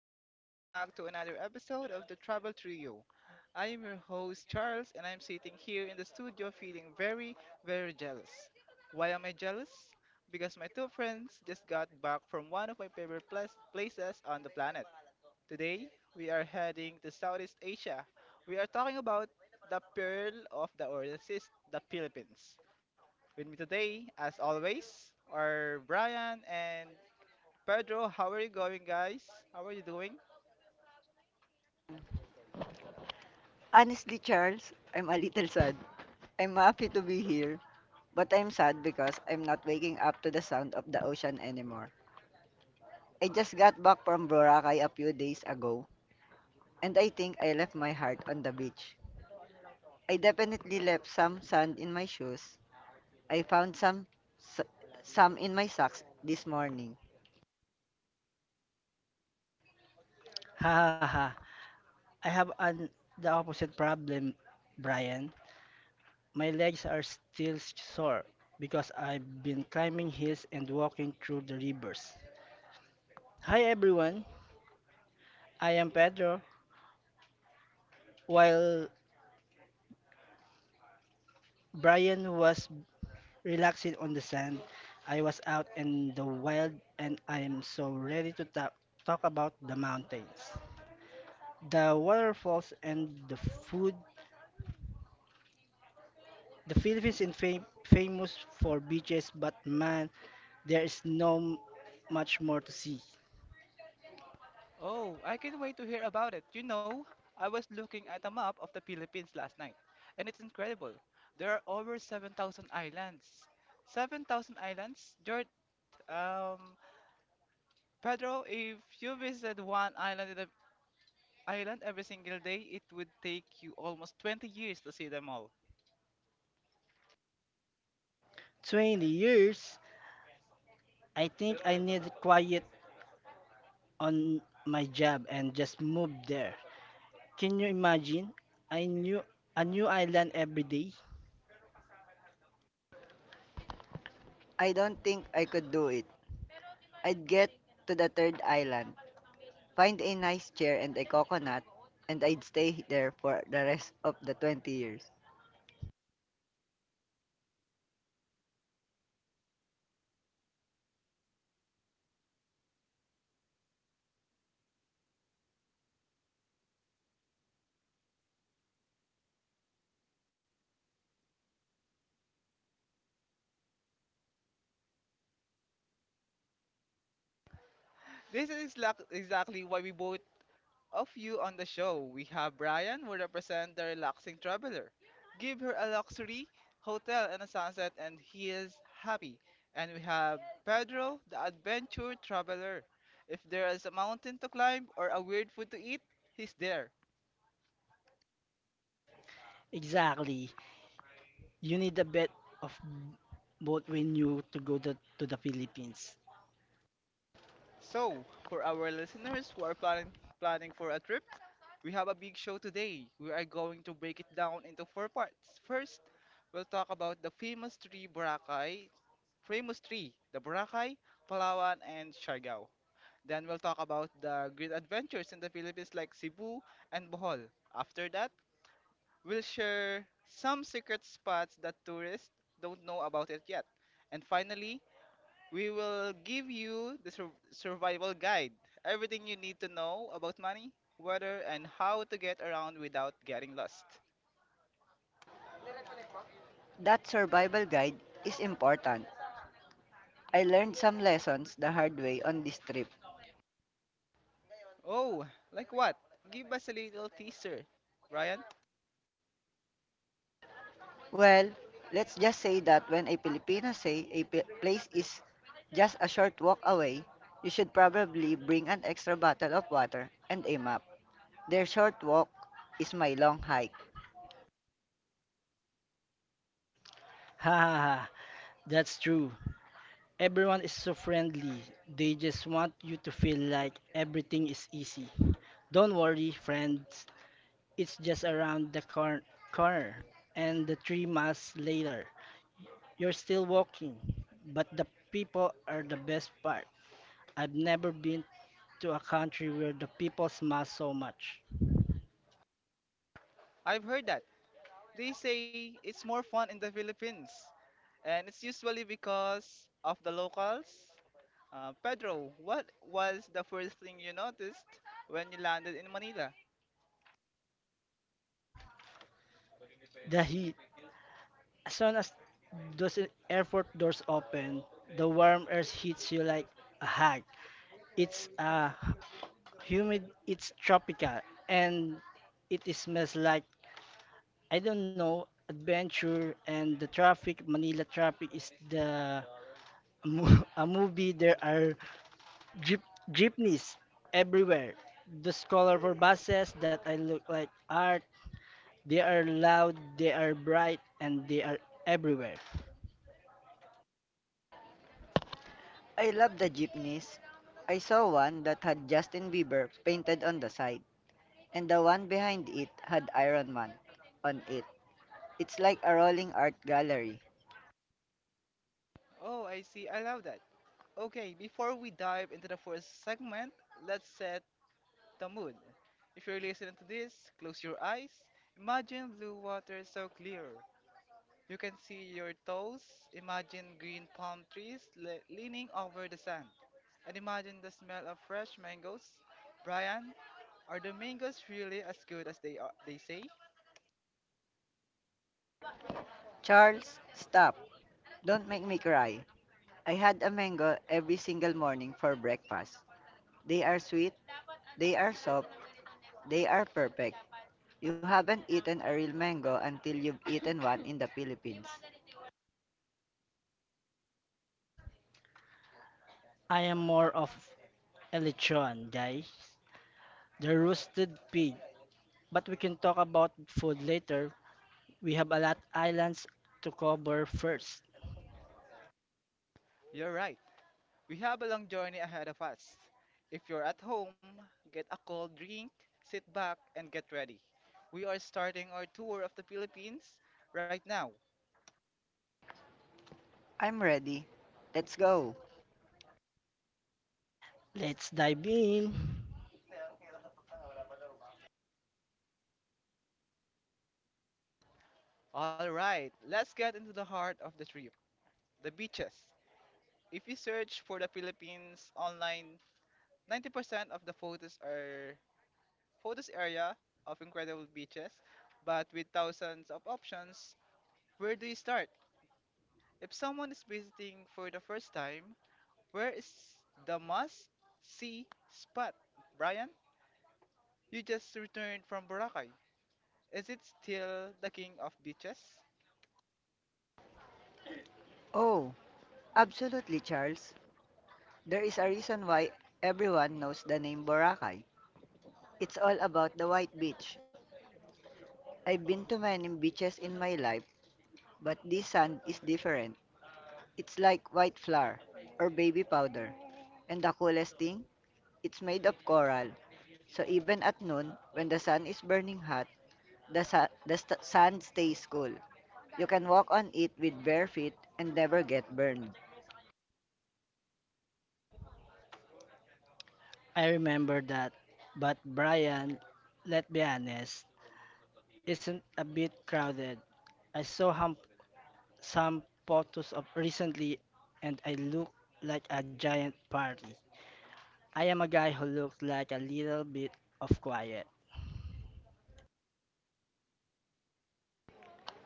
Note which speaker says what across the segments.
Speaker 1: Welcome back to another episode of the Travel Trio. I am your host, Charles, and I'm sitting here in the studio feeling very, very jealous. Why am I jealous? Because my two friends just got back from one of my favorite places on the planet. Today, we are heading to Southeast Asia. We are talking about the pearl of the oasis, the Philippines. With me today, as always, are Brian and Pedro, how are you going, guys? How are you doing?
Speaker 2: Honestly, Charles, I'm a little sad. I'm happy to be here, but I'm sad because I'm not waking up to the sound of the ocean anymore. I just got back from Boracay a few days ago, and I think I left my heart on the beach. I definitely left some sand in my shoes. I found s- some in my socks this morning.
Speaker 3: Ha ha ha. I have an The opposite problem, Brian. My legs are still sore because I've been climbing hills and walking through the rivers. Hi everyone. I am Pedro. While Brian was relaxing on the sand, I was out in the wild and I am so ready to talk about the mountains, the waterfalls and the food. The Philippines is famous for beaches, but man, there is no much more to see.
Speaker 1: Oh, I can't wait to hear about it. You know, I was looking at a map of the Philippines last night, and it's incredible. There are over 7,000 islands. 7,000 islands? Um, Pedro, if you visit one island in the island every single day, it would take you almost 20 years to see them all.
Speaker 3: 20 years? I think I need quiet on my job and just move there. Can you imagine? I knew a new island every day.
Speaker 2: I don't think I could do it. I'd get to the third island, find a nice chair and a coconut, and I'd stay there for the rest of the 20 years.
Speaker 1: This is exactly why we both Of you on the show, we have Brian who represents the relaxing traveler. Give her a luxury hotel and a sunset and he is happy. And we have Pedro, the adventure traveler. If there is a mountain to climb or a weird food to eat, he's there.
Speaker 3: Exactly. You need a bit of both when you to go to the Philippines.
Speaker 1: So, for our listeners who are planning for a trip, we have a big show today. We are going to break it down into four parts. First, we'll talk about the famous tree Boracay famous three the Boracay, Palawan, and Siargao. Then we'll talk about the great adventures in the Philippines like Cebu and Bohol. After that, we'll share some secret spots that tourists don't know about it yet. And finally, we will give you the survival guide everything you need to know about money, weather, and how to get around without getting lost.
Speaker 2: That survival guide is important. I learned some lessons the hard way on this trip.
Speaker 1: Oh, like what? Give us a little teaser, Brian.
Speaker 2: Well, let's just say that when a Filipino say place is just a short walk away, you should probably bring an extra bottle of water and a map. Their short walk is my long hike.
Speaker 3: Ha ha ha. That's true. Everyone is so friendly. They just want you to feel like everything is easy. Don't worry, friends. It's just around the corner, and the 3 miles later, you're still walking. But the people are the best part. I've never been to a country where the people smile so much.
Speaker 1: I've heard that. They say it's more fun in the Philippines, and it's usually because of the locals. Pedro, what was the first thing you noticed when you landed in Manila?
Speaker 3: The heat, as soon as those airport doors open, the warm air hits you like a hug. It's humid, it's tropical, and it smells like I don't know adventure. And the traffic, Manila traffic, is a movie, there are jeep, jeepneys everywhere. Those colorful buses that I look like art, they are loud, they are bright, and they are everywhere.
Speaker 2: I love the jeepneys. I saw one that had Justin Bieber painted on the side, and the one behind it had Iron Man on it. It's like a rolling art gallery.
Speaker 1: Oh, I see. I love that. Okay, before we dive into the first segment, let's set the mood. If you're listening to this, close your eyes. Imagine blue water so clear, you can see your toes. Imagine green palm trees leaning over the sand. And imagine the smell of fresh mangoes. Brian, are the mangoes really as good as they say?
Speaker 2: Charles, stop. Don't make me cry. I had a mango every single morning for breakfast. They are sweet, they are soft, they are perfect. You haven't eaten a real mango until you've eaten one in the Philippines.
Speaker 3: I am more of a lechon guy. The roasted pig. But we can talk about food later. We have a lot islands to cover first.
Speaker 1: You're right. We have a long journey ahead of us. If you're at home, get a cold drink, sit back, and get ready. We are starting our tour of the Philippines right now.
Speaker 2: I'm ready. Let's go.
Speaker 3: Let's dive in.
Speaker 1: All right, let's get into the heart of the trip, the beaches. If you search for the Philippines online, 90% of the photos are photos area of incredible beaches, but with thousands of options, where do you start? If someone is visiting for the first time, where is the must see spot? Brian, you just returned from Boracay. Is it still the king of beaches?
Speaker 2: Oh, absolutely, Charles. There is a reason why everyone knows the name Boracay. It's all about the white beach. I've been to many beaches in my life, but this sand is different. It's like white flour or baby powder. And the coolest thing, it's made of coral. So even at noon, when the sun is burning hot, the sand stays cool. You can walk on it with bare feet and never get burned.
Speaker 3: I remember that. But Brian, let's be honest, isn't a bit crowded. I saw some photos of recently and I look like a giant party. I am a guy who looks like a little bit of quiet.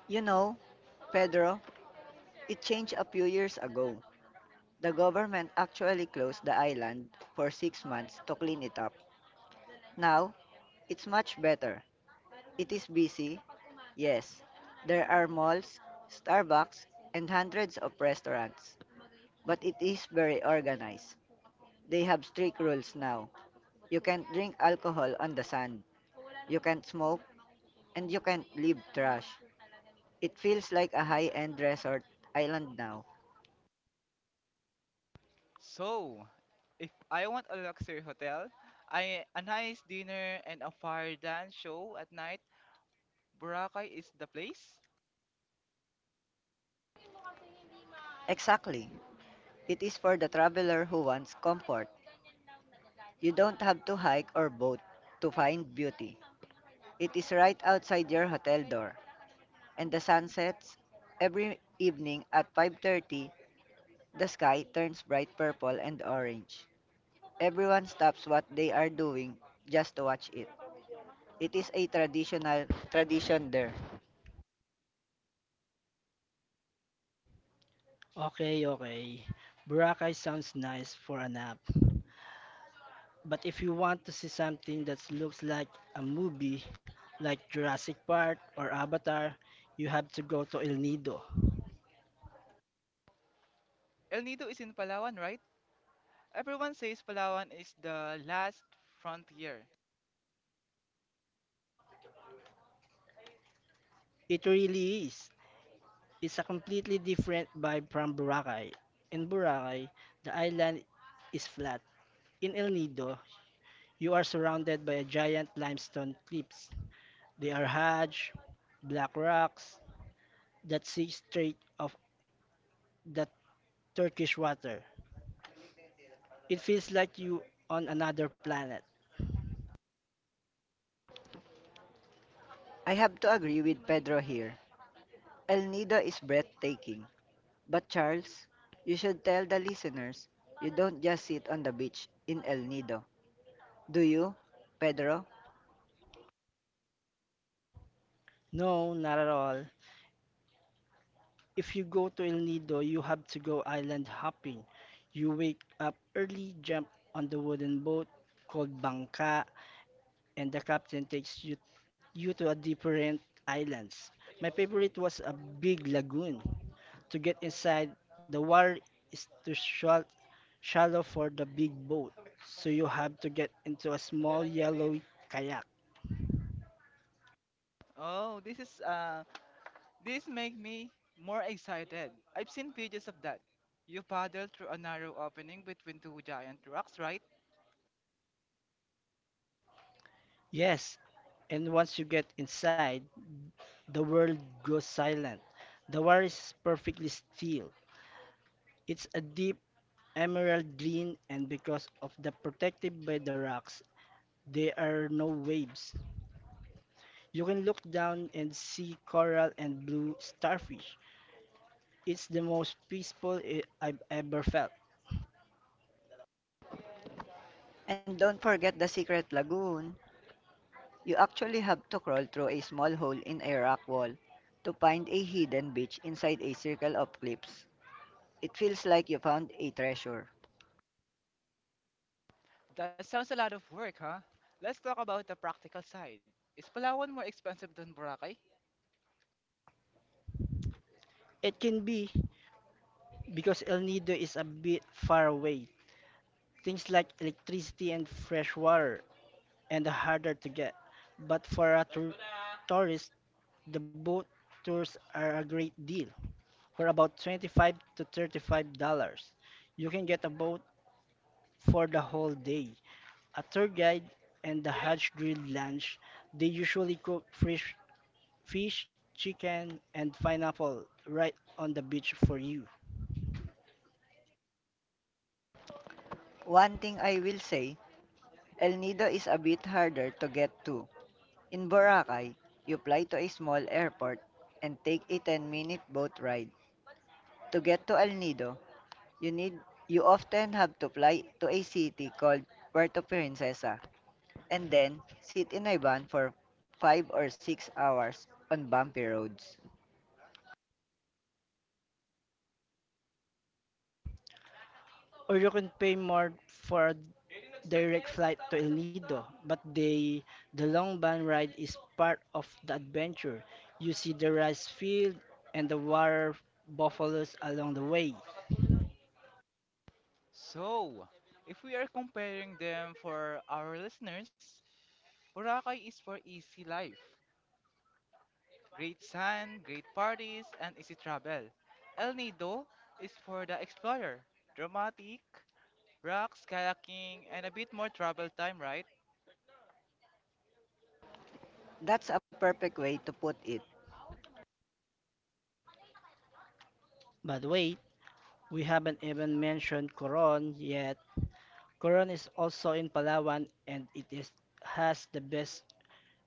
Speaker 2: You know, Pedro, it changed a few years ago. The government actually closed the island for 6 months to clean it up. Now, it's much better. It is busy, yes. There are malls, Starbucks, and hundreds of restaurants. But it is very organized. They have strict rules now. You can't drink alcohol on the sand. You can't smoke, and you can't leave trash. It feels like a high-end resort island now.
Speaker 1: So, if I want a luxury hotel, I a nice dinner and a fire dance show at night, Boracay is the place.
Speaker 2: Exactly. It is for the traveler who wants comfort. You don't have to hike or boat to find beauty. It is right outside your hotel door, and the sun sets. Every evening at 5:30, the sky turns bright purple and orange. Everyone stops what they are doing just to watch it. It is a traditional tradition there.
Speaker 3: Okay, okay. Boracay sounds nice for a nap. But if you want to see something that looks like a movie, like Jurassic Park or Avatar, you have to go to El Nido.
Speaker 1: El Nido is in Palawan, right? Everyone says Palawan is the last frontier.
Speaker 3: It really is. It's a completely different vibe from Boracay. In Boracay, the island is flat. In El Nido, you are surrounded by a giant limestone cliffs. They are huge, black rocks that see straight of the Turkish water. It feels like you on another planet.
Speaker 2: I have to agree with Pedro here. El Nido is breathtaking. But Charles, you should tell the listeners you don't just sit on the beach in El Nido. Do you, Pedro?
Speaker 3: No, not at all. If you go to El Nido, you have to go island hopping. You wake up early, jump on the wooden boat called bangka, and the captain takes you to a different islands. My favorite was a big lagoon. To get inside, the water is too shallow for the big boat, so you have to get into a small yellow kayak.
Speaker 1: Oh, this make me more excited. I've seen videos of that. You paddle through a narrow opening between two giant rocks, right?
Speaker 3: Yes, and once you get inside, the world goes silent. The water is perfectly still. It's a deep emerald green, and because of the protected by the rocks, there are no waves. You can look down and see coral and blue starfish. It's the most peaceful I've ever felt.
Speaker 2: And don't forget the secret lagoon. You actually have to crawl through a small hole in a rock wall to find a hidden beach inside a circle of cliffs. It feels like you found a treasure.
Speaker 1: That sounds a lot of work, huh? Let's talk about the practical side. Is Palawan more expensive than Boracay?
Speaker 3: It can be because El Nido is a bit far away. Things like electricity and fresh water and harder to get. But for a tourist, the boat tours are a great deal. For about 25 to $35, you can get a boat for the whole day. A tour guide and the hatch grilled lunch they usually cook fresh fish, chicken, and pineapple right on the beach for you.
Speaker 2: One thing I will say, El Nido is a bit harder to get to. In Boracay, you fly to a small airport and take a 10-minute boat ride. To get to El Nido, you need you often have to fly to a city called Puerto Princesa, and then sit in a van for 5 or 6 hours on bumpy roads.
Speaker 3: Or you can pay more for a direct flight to El Nido, but the long ban ride is part of the adventure. You see the rice field and the water buffaloes along the way.
Speaker 1: So, if we are comparing them for our listeners, Boracay is for easy life. Great sun, great parties, and easy travel. El Nido is for the explorer. Dramatic, rocks, kayaking, and a bit more travel time, right?
Speaker 2: That's a perfect way to put it.
Speaker 3: But wait, we haven't even mentioned Coron yet. Coron is also in Palawan and it is has the best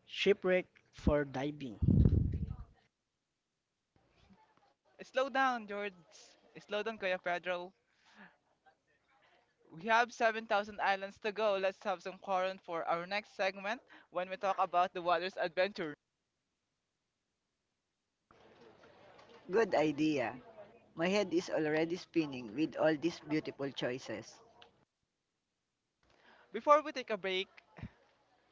Speaker 3: shipwreck for diving.
Speaker 1: Slow down, George. Slow down, Kuya Pedro. We have 7,000 islands to go. Let's have some quarant for our next segment when we talk about the water's adventure.
Speaker 2: Good idea. My head is already spinning with all these beautiful choices.
Speaker 1: Before we take a break,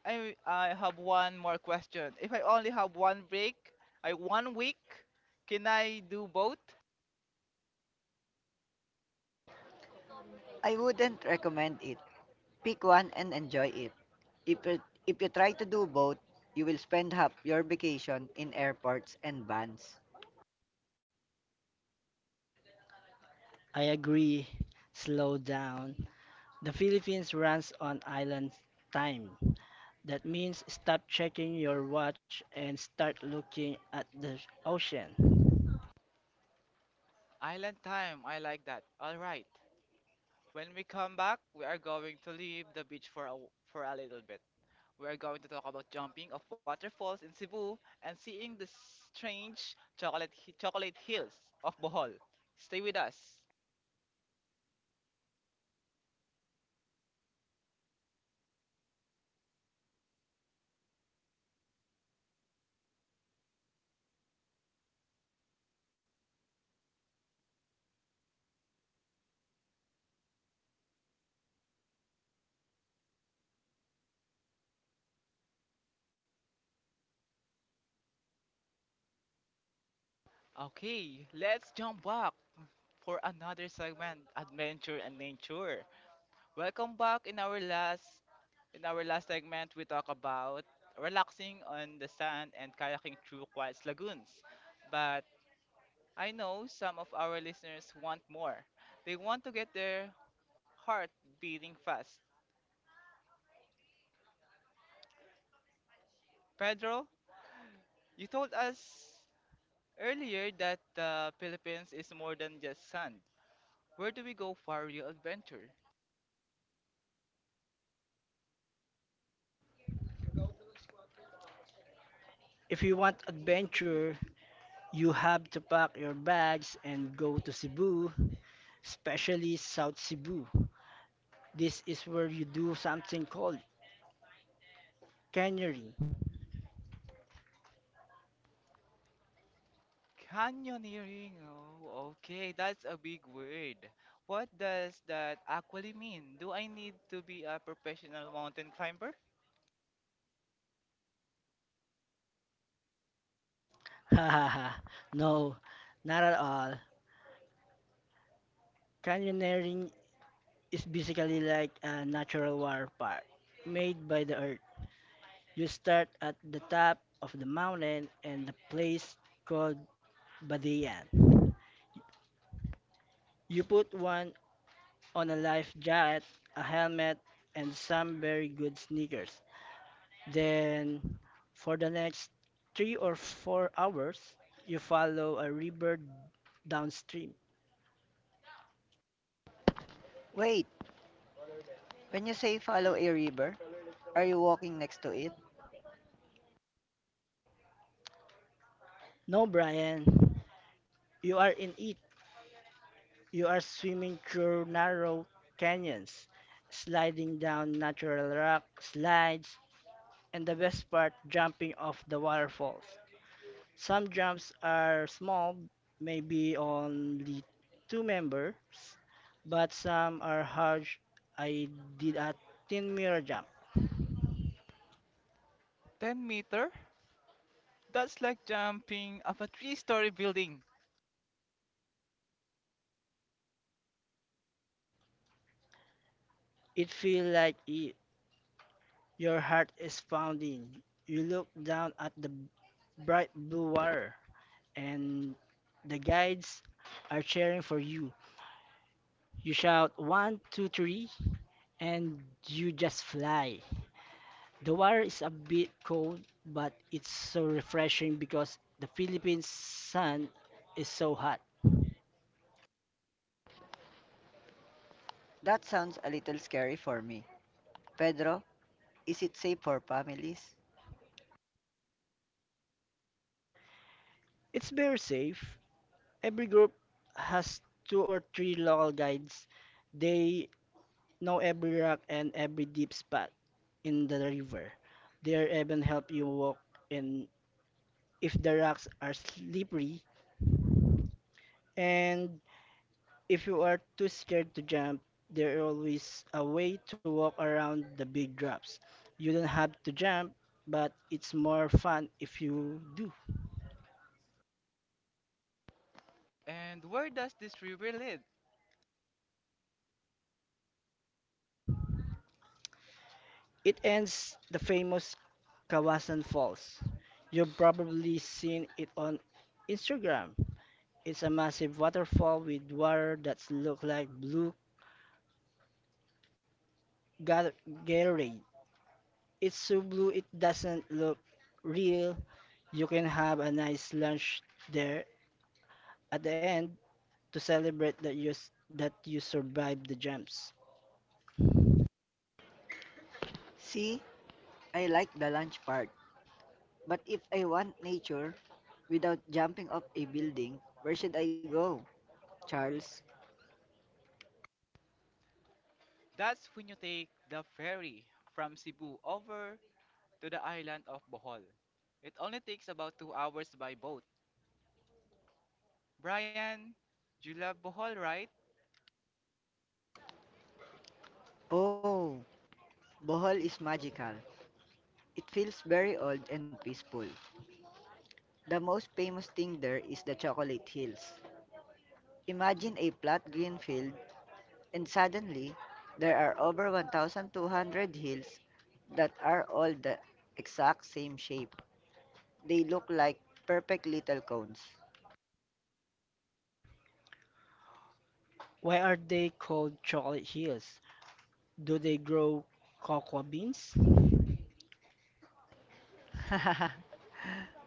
Speaker 1: I have one more question. If I only have one break, I 1 week, can I do both?
Speaker 2: I wouldn't recommend it. Pick one and enjoy it. If you, if you try to do both, you will spend half your vacation in airports and vans.
Speaker 3: I agree. Slow down. The Philippines runs on island time. That means stop checking your watch and start looking at the ocean.
Speaker 1: Island time, I like that. All right. When we come back, we are going to leave the beach for for a little bit. We are going to talk about jumping of waterfalls in Cebu and seeing the strange chocolate hills of Bohol. Stay with us. Okay, let's jump back for another segment, adventure and nature. Welcome back in our last segment we talk about relaxing on the sand and kayaking through quiet lagoons. But I know some of our listeners want more. They want to get their heart beating fast. Pedro, you told us earlier that the Philippines is more than just sand. Where do we go for your adventure?
Speaker 3: If you want adventure, you have to pack your bags and go to Cebu, especially South Cebu. This is where you do something called canyoning.
Speaker 1: Canyoneering. Oh, okay, that's a big word. What does that actually mean? Do I need to be a professional mountain climber?
Speaker 3: No, not at all. Canyoneering is basically like a natural water park made by the earth. You start at the top of the mountain and the place called Badian. You put one on a life jacket, a helmet, and some very good sneakers. Then, for the next 3 or 4 hours, you follow a river downstream.
Speaker 2: Wait, when you say follow a river, are you walking next to it?
Speaker 3: No, Brian, you are in it. You are swimming through narrow canyons, sliding down natural rock slides, and the best part, jumping off the waterfalls. Some jumps are small, maybe only two members, but some are huge. I did a 10-meter jump.
Speaker 1: 10 meter? That's like jumping off a three-story building.
Speaker 3: It feels like it, your heart is pounding. You look down at the bright blue water, and the guides are cheering for you. You shout one, two, three, and you just fly. The water is a bit cold, but it's so refreshing because the Philippine sun is so hot.
Speaker 2: That sounds a little scary for me. Pedro, is it safe for families?
Speaker 3: It's very safe. Every group has two or three local guides. They know every rock and every deep spot in the river. They even help you walk in if the rocks are slippery and if you are too scared to jump, there is always a way to walk around the big drops. You don't have to jump, but it's more fun if you do.
Speaker 1: And where does this river lead?
Speaker 3: It ends the famous Kawasan Falls. You've probably seen it on Instagram. It's a massive waterfall with water that's look like blue Ga- Gatorade. It's so blue it doesn't look real. You can have a nice lunch there at the end to celebrate that that you survived the jumps.
Speaker 2: See, I like the lunch part, but if I want nature without jumping off a building, where should I go, Charles?
Speaker 1: That's when you take the ferry from Cebu over to the island of Bohol. It only takes about 2 hours by boat. Brian, you love Bohol, right?
Speaker 2: Oh, Bohol is magical. It feels very old and peaceful. The most famous thing there is the Chocolate Hills. Imagine a flat green field, and suddenly there are over 1,200 hills that are all the exact same shape. They look like perfect little cones.
Speaker 3: Why are they called chocolate hills? Do they grow cocoa beans?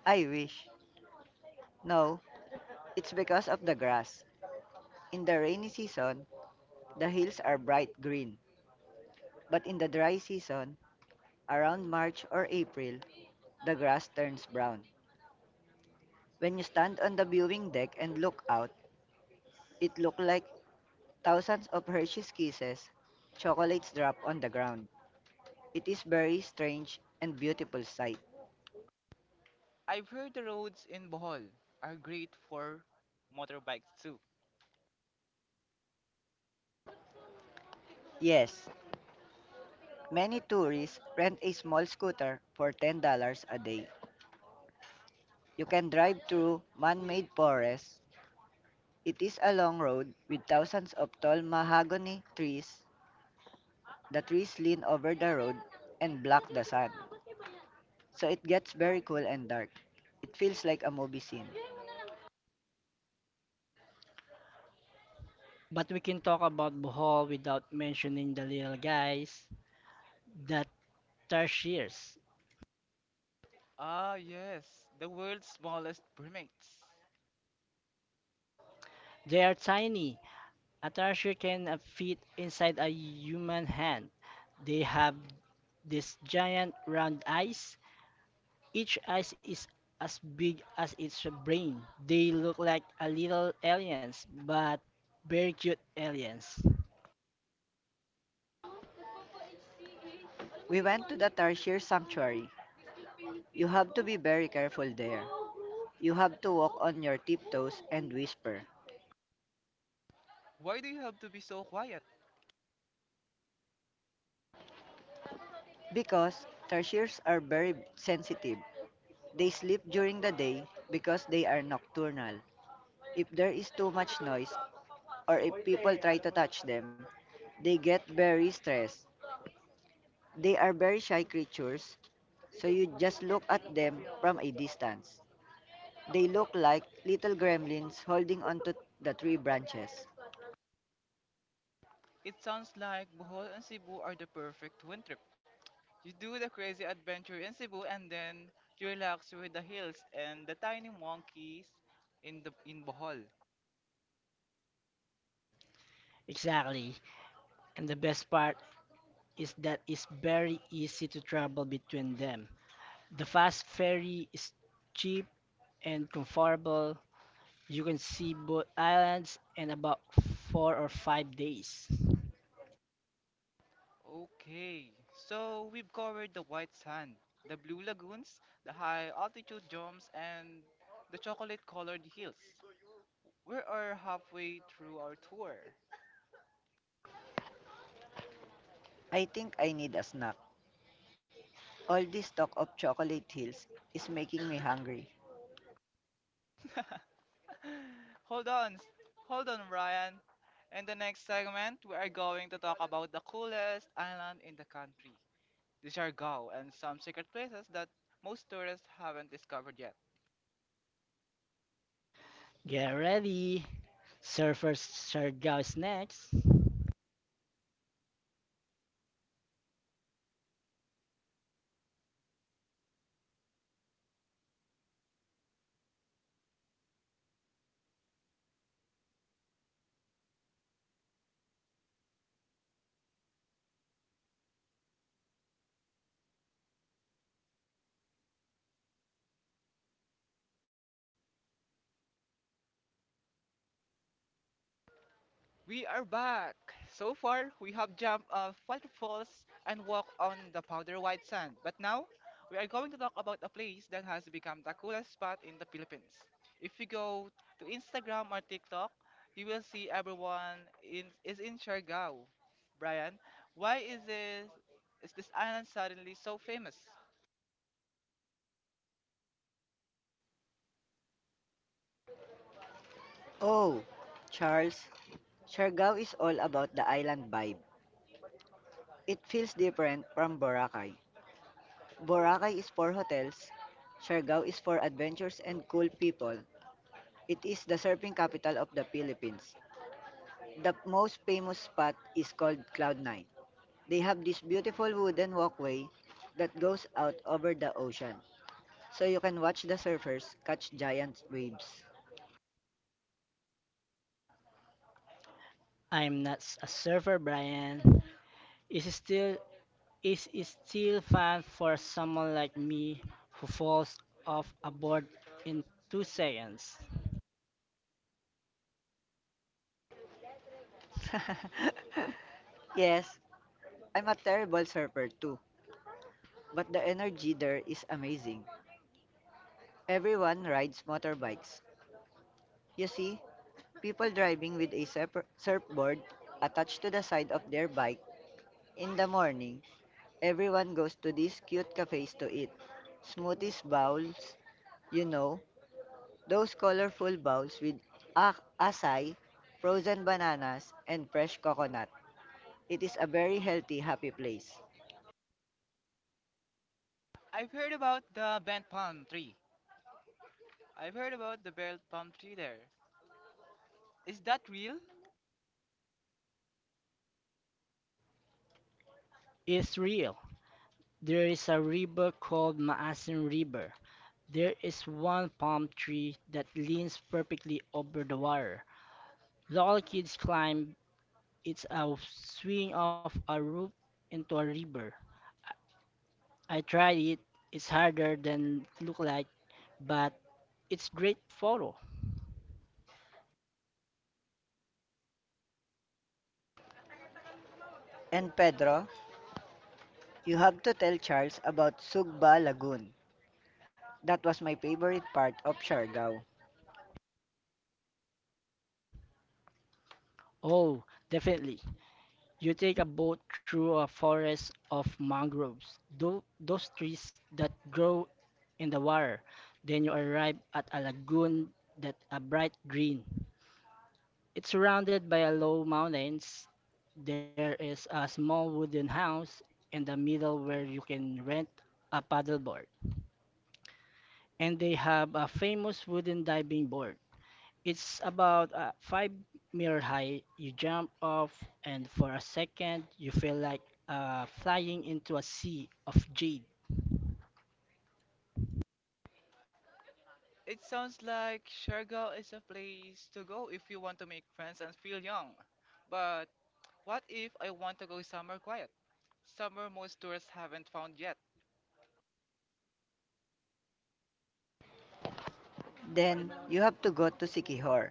Speaker 2: I wish. No, it's because of the grass. In the rainy season, the hills are bright green, but in the dry season, around March or April, the grass turns brown. When you stand on the viewing deck and look out, it look like thousands of Hershey's kisses, chocolates drop on the ground. It is very strange and beautiful sight.
Speaker 1: I've heard the roads in Bohol are great for motorbikes too.
Speaker 2: Yes, many tourists rent a small scooter for $10 a day. You can drive through man-made forests. It is a long road with thousands of tall mahogany trees. The trees lean over the road and block the sun, so it gets very cool and dark. It feels like a movie scene.
Speaker 3: But we can talk about Bohol without mentioning the little guys, the tarsiers.
Speaker 1: Ah, yes, the world's smallest primates.
Speaker 3: They are tiny. A tarsier can fit inside a human hand. They have these giant round eyes. Each eye is as big as its brain. They look like a little aliens, but very cute aliens.
Speaker 2: We went to the Tarshir Sanctuary. You have to be very careful there. You have to walk on your tiptoes and whisper.
Speaker 1: Why do you have to be so quiet?
Speaker 2: Because Tarshirs are very sensitive. They sleep during the day because they are nocturnal. If there is too much noise or if people try to touch them, they get very stressed. They are very shy creatures, so you just look at them from a distance. They look like little gremlins holding onto the tree branches.
Speaker 1: It sounds like Bohol and Cebu are the perfect winter. You do the crazy adventure in Cebu and then you relax with the hills and the tiny monkeys in Bohol.
Speaker 3: Exactly. And the best part is that it's very easy to travel between them. The fast ferry is cheap and comfortable. You can see both islands in about 4 or 5 days.
Speaker 1: Okay, so we've covered the white sand, the blue lagoons, the high altitude jumps, and the chocolate colored hills. We are halfway through our tour.
Speaker 2: I think I need a snack. All this talk of chocolate hills is making me hungry.
Speaker 1: hold on, s- hold on, Ryan. In the next segment, we are going to talk about the coolest island in the country, the Siargao, and some secret places that most tourists haven't discovered yet.
Speaker 3: Get ready. Surfer Sergao is next.
Speaker 1: We are back! So far, we have jumped off waterfalls and walked on the powder white sand. But now, we are going to talk about a place that has become the coolest spot in the Philippines. If you go to Instagram or TikTok, you will see everyone is in Siargao. Brian, why is this, is this island suddenly so famous?
Speaker 2: Oh, Charles, Siargao is all about the island vibe. It feels different from Boracay. Boracay is for hotels, Siargao is for adventures and cool people. It is the surfing capital of the Philippines. The most famous spot is called Cloud Nine. They have this beautiful wooden walkway that goes out over the ocean, so you can watch the surfers catch giant waves.
Speaker 3: I'm not a surfer, Brian. Is still is still fun for someone like me who falls off a board in 2 seconds.
Speaker 2: Yes, I'm a terrible surfer too, but the energy there is amazing. Everyone rides motorbikes. You see people driving with a surfboard attached to the side of their bike. In the morning, everyone goes to these cute cafes to eat smoothies bowls. You know, those colorful bowls with acai, frozen bananas, and fresh coconut. It is a very healthy, happy place.
Speaker 1: I've heard about the bent palm tree. I've heard about the bent palm tree there. Is that real?
Speaker 3: It's real. There is a river called Maasin River. There is one palm tree that leans perfectly over the water. Local kids climb it's a swing off a roof into a river. I tried it. It's harder than look like, but it's great photo.
Speaker 2: And Pedro, you have to tell Charles about Sugba Lagoon. That was my favorite part of Siargao.
Speaker 3: Oh, definitely. You take a boat through a forest of mangroves, those trees that grow in the water. Then you arrive at a lagoon that a bright green. It's surrounded by a low mountains. There is a small wooden house in the middle where you can rent a paddleboard. And they have a famous wooden diving board. It's about a 5 meter high. You jump off, and for a second, you feel like flying into a sea of jade.
Speaker 1: It sounds like Siargao is a place to go if you want to make friends and feel young. But what if I want to go somewhere quiet? Somewhere most tourists haven't found yet.
Speaker 2: Then you have to go to Sikihor.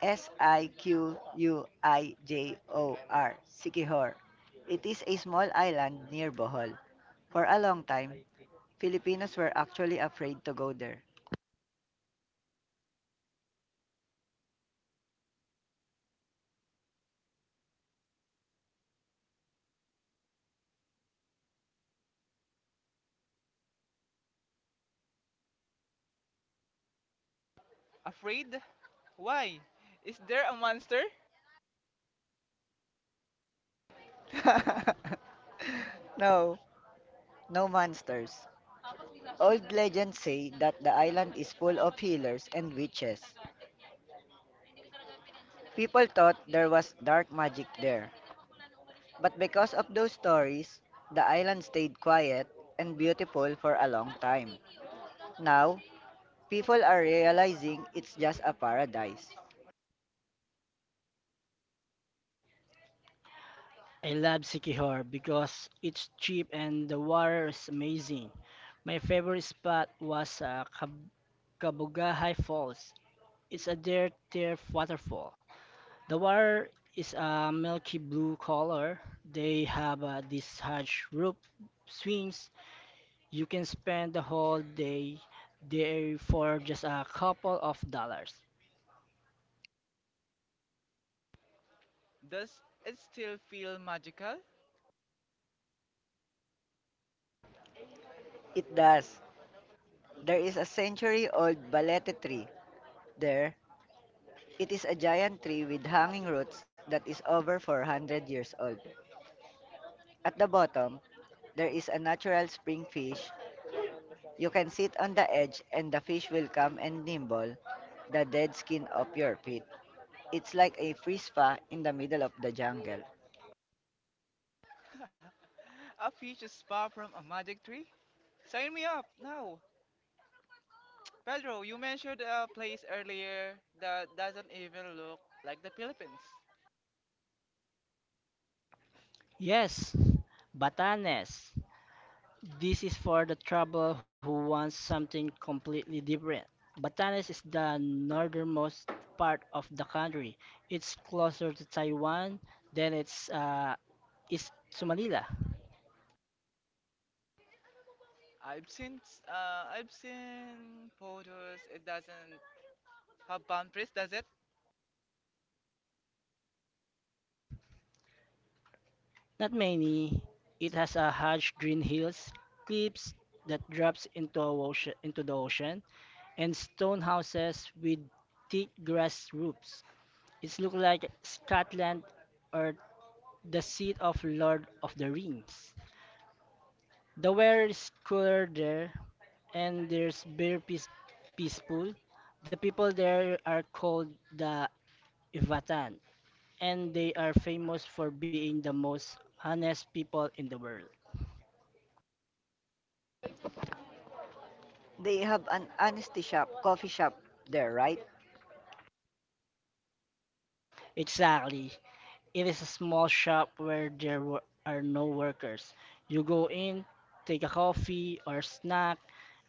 Speaker 2: S I Q U I J O R, Sikihor. It is a small island near Bohol. For a long time, Filipinos were actually afraid to go there.
Speaker 1: Afraid? Why? Is there a monster?
Speaker 2: No, no monsters. Old legends say that the island is full of healers and witches. People thought there was dark magic there. But because of those stories, the island stayed quiet and beautiful for a long time. Now, people are realizing it's just a paradise.
Speaker 3: I love Sikihor because it's cheap and the water is amazing. My favorite spot was Kabugahay Falls. It's a dirt turf waterfall. The water is a milky blue color. They have these huge roof swings. You can spend the whole day there for just a couple of dollars.
Speaker 1: Does it still feel magical?
Speaker 2: It does. There is a century old balete tree there. It is a giant tree with hanging roots that is over 400 years old. At the bottom, there is a natural spring fish. You can sit on the edge and the fish will come and nibble the dead skin of your feet. It's like a free spa in the middle of the jungle.
Speaker 1: A peach spa from a magic tree? Sign me up now! Pedro, you mentioned a place earlier that doesn't even look like the Philippines.
Speaker 3: Yes, Batanes. This is for the traveler who wants something completely different. Batanes is the northernmost part of the country. It's closer to Taiwan than it's is to Manila.
Speaker 1: I've seen photos. It doesn't have boundaries, does it?
Speaker 3: Not many. It has a huge green hills, cliffs that drops into the ocean, and stone houses with thick grass roofs. It looks like Scotland or the seat of Lord of the Rings. The weather is cooler there, and there's peaceful. The people there are called the Ivatan, and they are famous for being the most honest people in the world.
Speaker 2: They have an honesty shop, coffee shop there, right?
Speaker 3: Exactly. It is a small shop where are no workers. You go in, take a coffee or snack,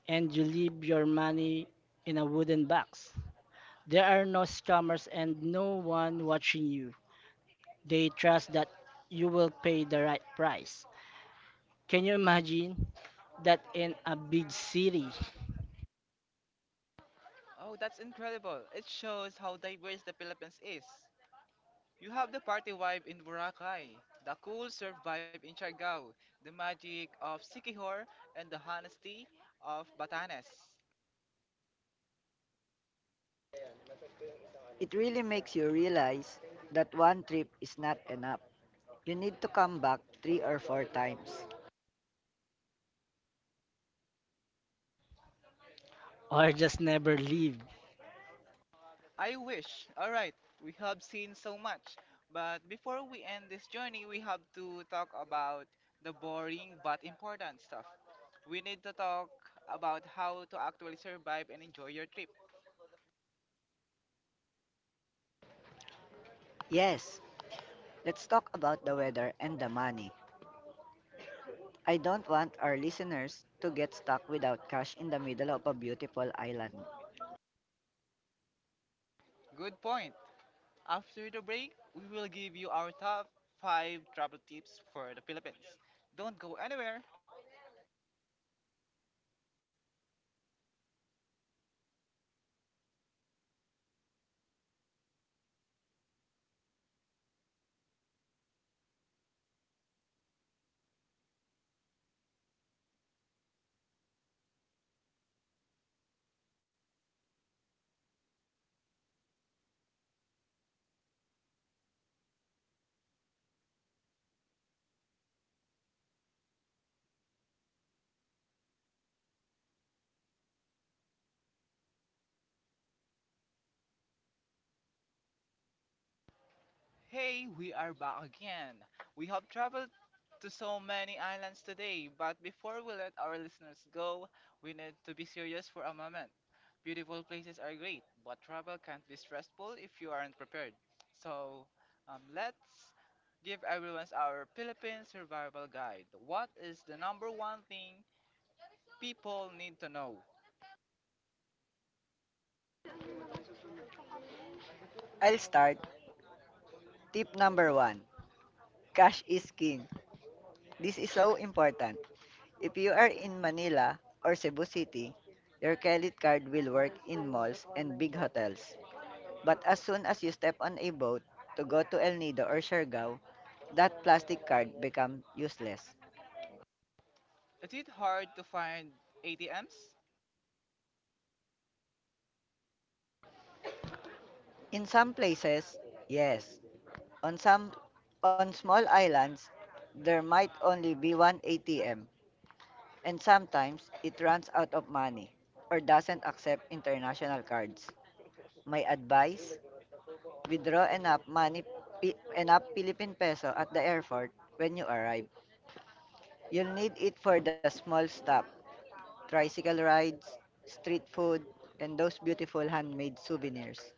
Speaker 3: and you leave your money in a wooden box. There are no scammers and no one watching you. They trust that you will pay the right price. Can you imagine that in a big city
Speaker 1: Oh, that's incredible. It shows how diverse the Philippines is. You have the party vibe in Boracay, the cool surf vibe in Siargao, the magic of Sikihor, and the honesty of Batanes.
Speaker 2: It really makes you realize that one trip is not enough. You need to come back three or four times.
Speaker 3: or just never leave?
Speaker 1: I wish. Alright, we have seen so much. But before we end this journey, we have to talk about the boring but important stuff. We need to talk about how to actually survive and enjoy your trip.
Speaker 2: Yes, let's talk about the weather and the money. I don't want our listeners to get stuck without cash in the middle of a beautiful island.
Speaker 1: Good point. After the break, we will give you our top 5 travel tips for the Philippines. Don't go anywhere. Hey, we are back again. We have traveled to so many islands today, but before we let our listeners go, we need to be serious for a moment. Beautiful places are great, but travel can't be stressful if you aren't prepared. So, let's give everyone our Philippine survival guide. What is the number one thing people need to know?
Speaker 2: I'll start. Tip number one: cash is king. This is so important. If you are in Manila or Cebu City, your credit card will work in malls and big hotels. But as soon as you step on a boat to go to El Nido or Siargao, that plastic card becomes useless.
Speaker 1: Is it hard to find ATMs?
Speaker 2: In some places, yes. On some on small islands, there might only be one ATM, and sometimes it runs out of money or doesn't accept international cards. My advice, withdraw enough money, enough Philippine peso at the airport when you arrive. You'll need it for the small stop, tricycle rides, street food, and those beautiful handmade souvenirs.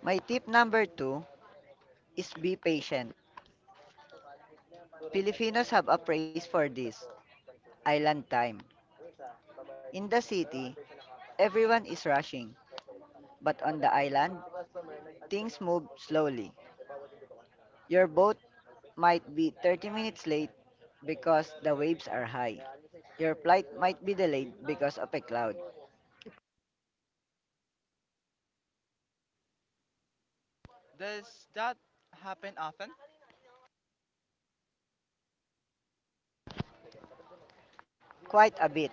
Speaker 2: My tip number two is be patient. Filipinos have a phrase for this, island time. In the city, everyone is rushing, but on the island, things move slowly. Your boat might be 30 minutes late because the waves are high. Your flight might be delayed because of a cloud.
Speaker 1: Does that happen often?
Speaker 2: Quite a bit,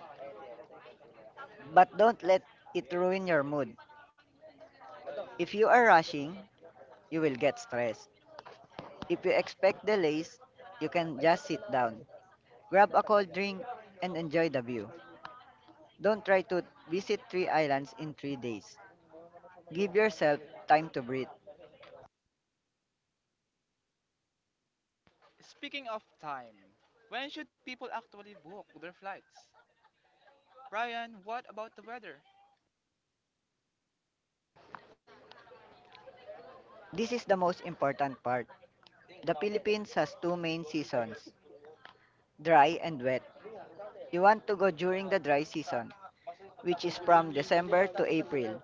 Speaker 2: but don't let it ruin your mood. If you are rushing, you will get stressed. If you expect delays, you can just sit down, grab a cold drink, and enjoy the view. Don't try to visit three islands in 3 days. Give yourself time to breathe.
Speaker 1: Speaking of time, when should people actually book their flights? Brian, what about the weather?
Speaker 2: This is the most important part. The Philippines has two main seasons, dry and wet. You want to go during the dry season, which is from December to April.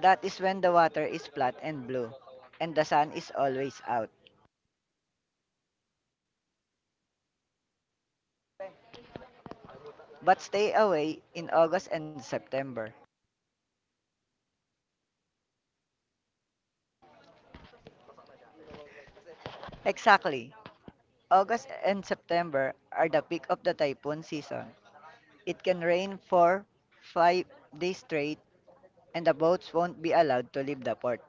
Speaker 2: That is when the water is flat and blue, and the sun is always out. But stay away in August and September. Exactly. August and September are the peak of the typhoon season. It can rain for 5 days straight, and the boats won't be allowed to leave the port.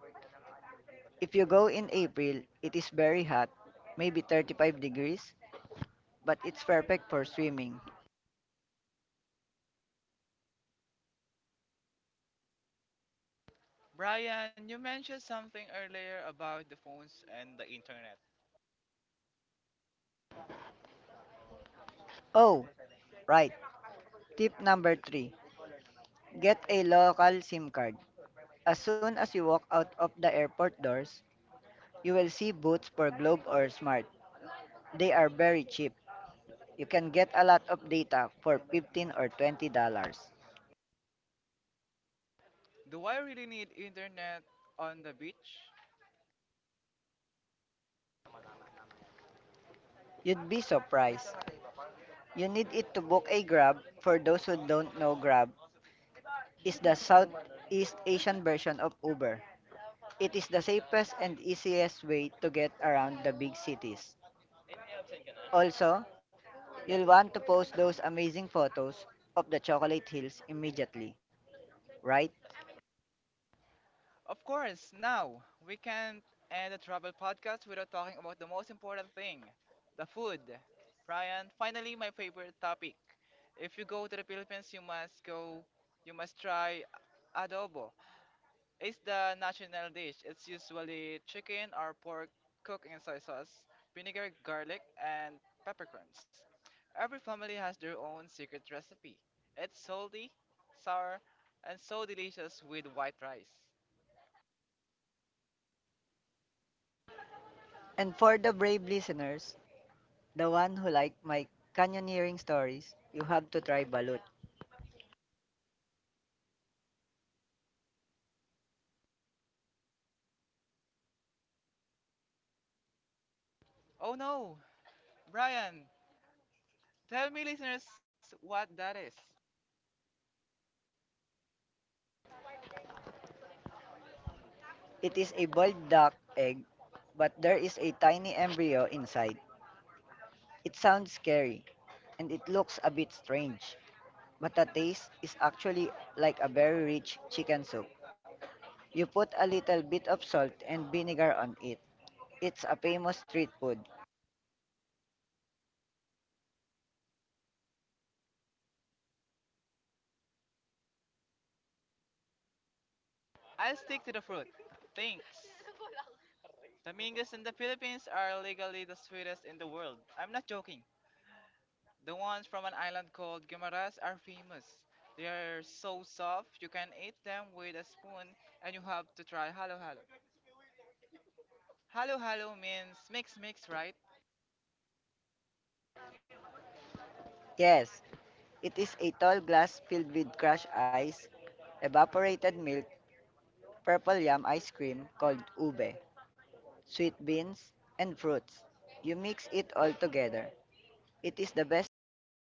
Speaker 2: If you go in April, it is very hot, maybe 35 degrees, but it's perfect for swimming.
Speaker 1: Brian, you mentioned something earlier about the phones and the internet.
Speaker 2: Oh, right. Tip number three, get a local SIM card. As soon as you walk out of the airport doors, you will see booths for Globe or Smart. They are very cheap. You can get a lot of data for 15 or $20.
Speaker 1: Do I really need internet on the beach?
Speaker 2: You'd be surprised. You need it to book a Grab. For those who don't know, Grab is the Southeast Asian version of Uber. It is the safest and easiest way to get around the big cities. Also, you'll want to post those amazing photos of the chocolate hills immediately, right?
Speaker 1: Of course, now we can't end a travel podcast without talking about the most important thing, the food. Brian, finally, my favorite topic. If you go to the Philippines, you must try adobo. It's the national dish. It's usually chicken or pork cooked in soy sauce, vinegar, garlic, and peppercorns. Every family has their own secret recipe. It's salty, sour, and so delicious with white rice.
Speaker 2: And for the brave listeners, the one who like my canyoneering stories, you have to try balut.
Speaker 1: Oh no! Brian, tell me, listeners, what that is.
Speaker 2: It is a boiled duck egg, but there is a tiny embryo inside. It sounds scary, and it looks a bit strange, but the taste is actually like a very rich chicken soup. You put a little bit of salt and vinegar on it. It's a famous street food.
Speaker 1: I'll stick to the fruit. Thanks. Tamingos in the Philippines are legally the sweetest in the world. I'm not joking. The ones from an island called Guimaras are famous. They are so soft, you can eat them with a spoon and you have to try halo halo. Halo halo means mix mix, right?
Speaker 2: Yes, it is a tall glass filled with crushed ice, evaporated milk, purple yam ice cream called ube, sweet beans, and fruits. You mix it all together. It is the best thing to eat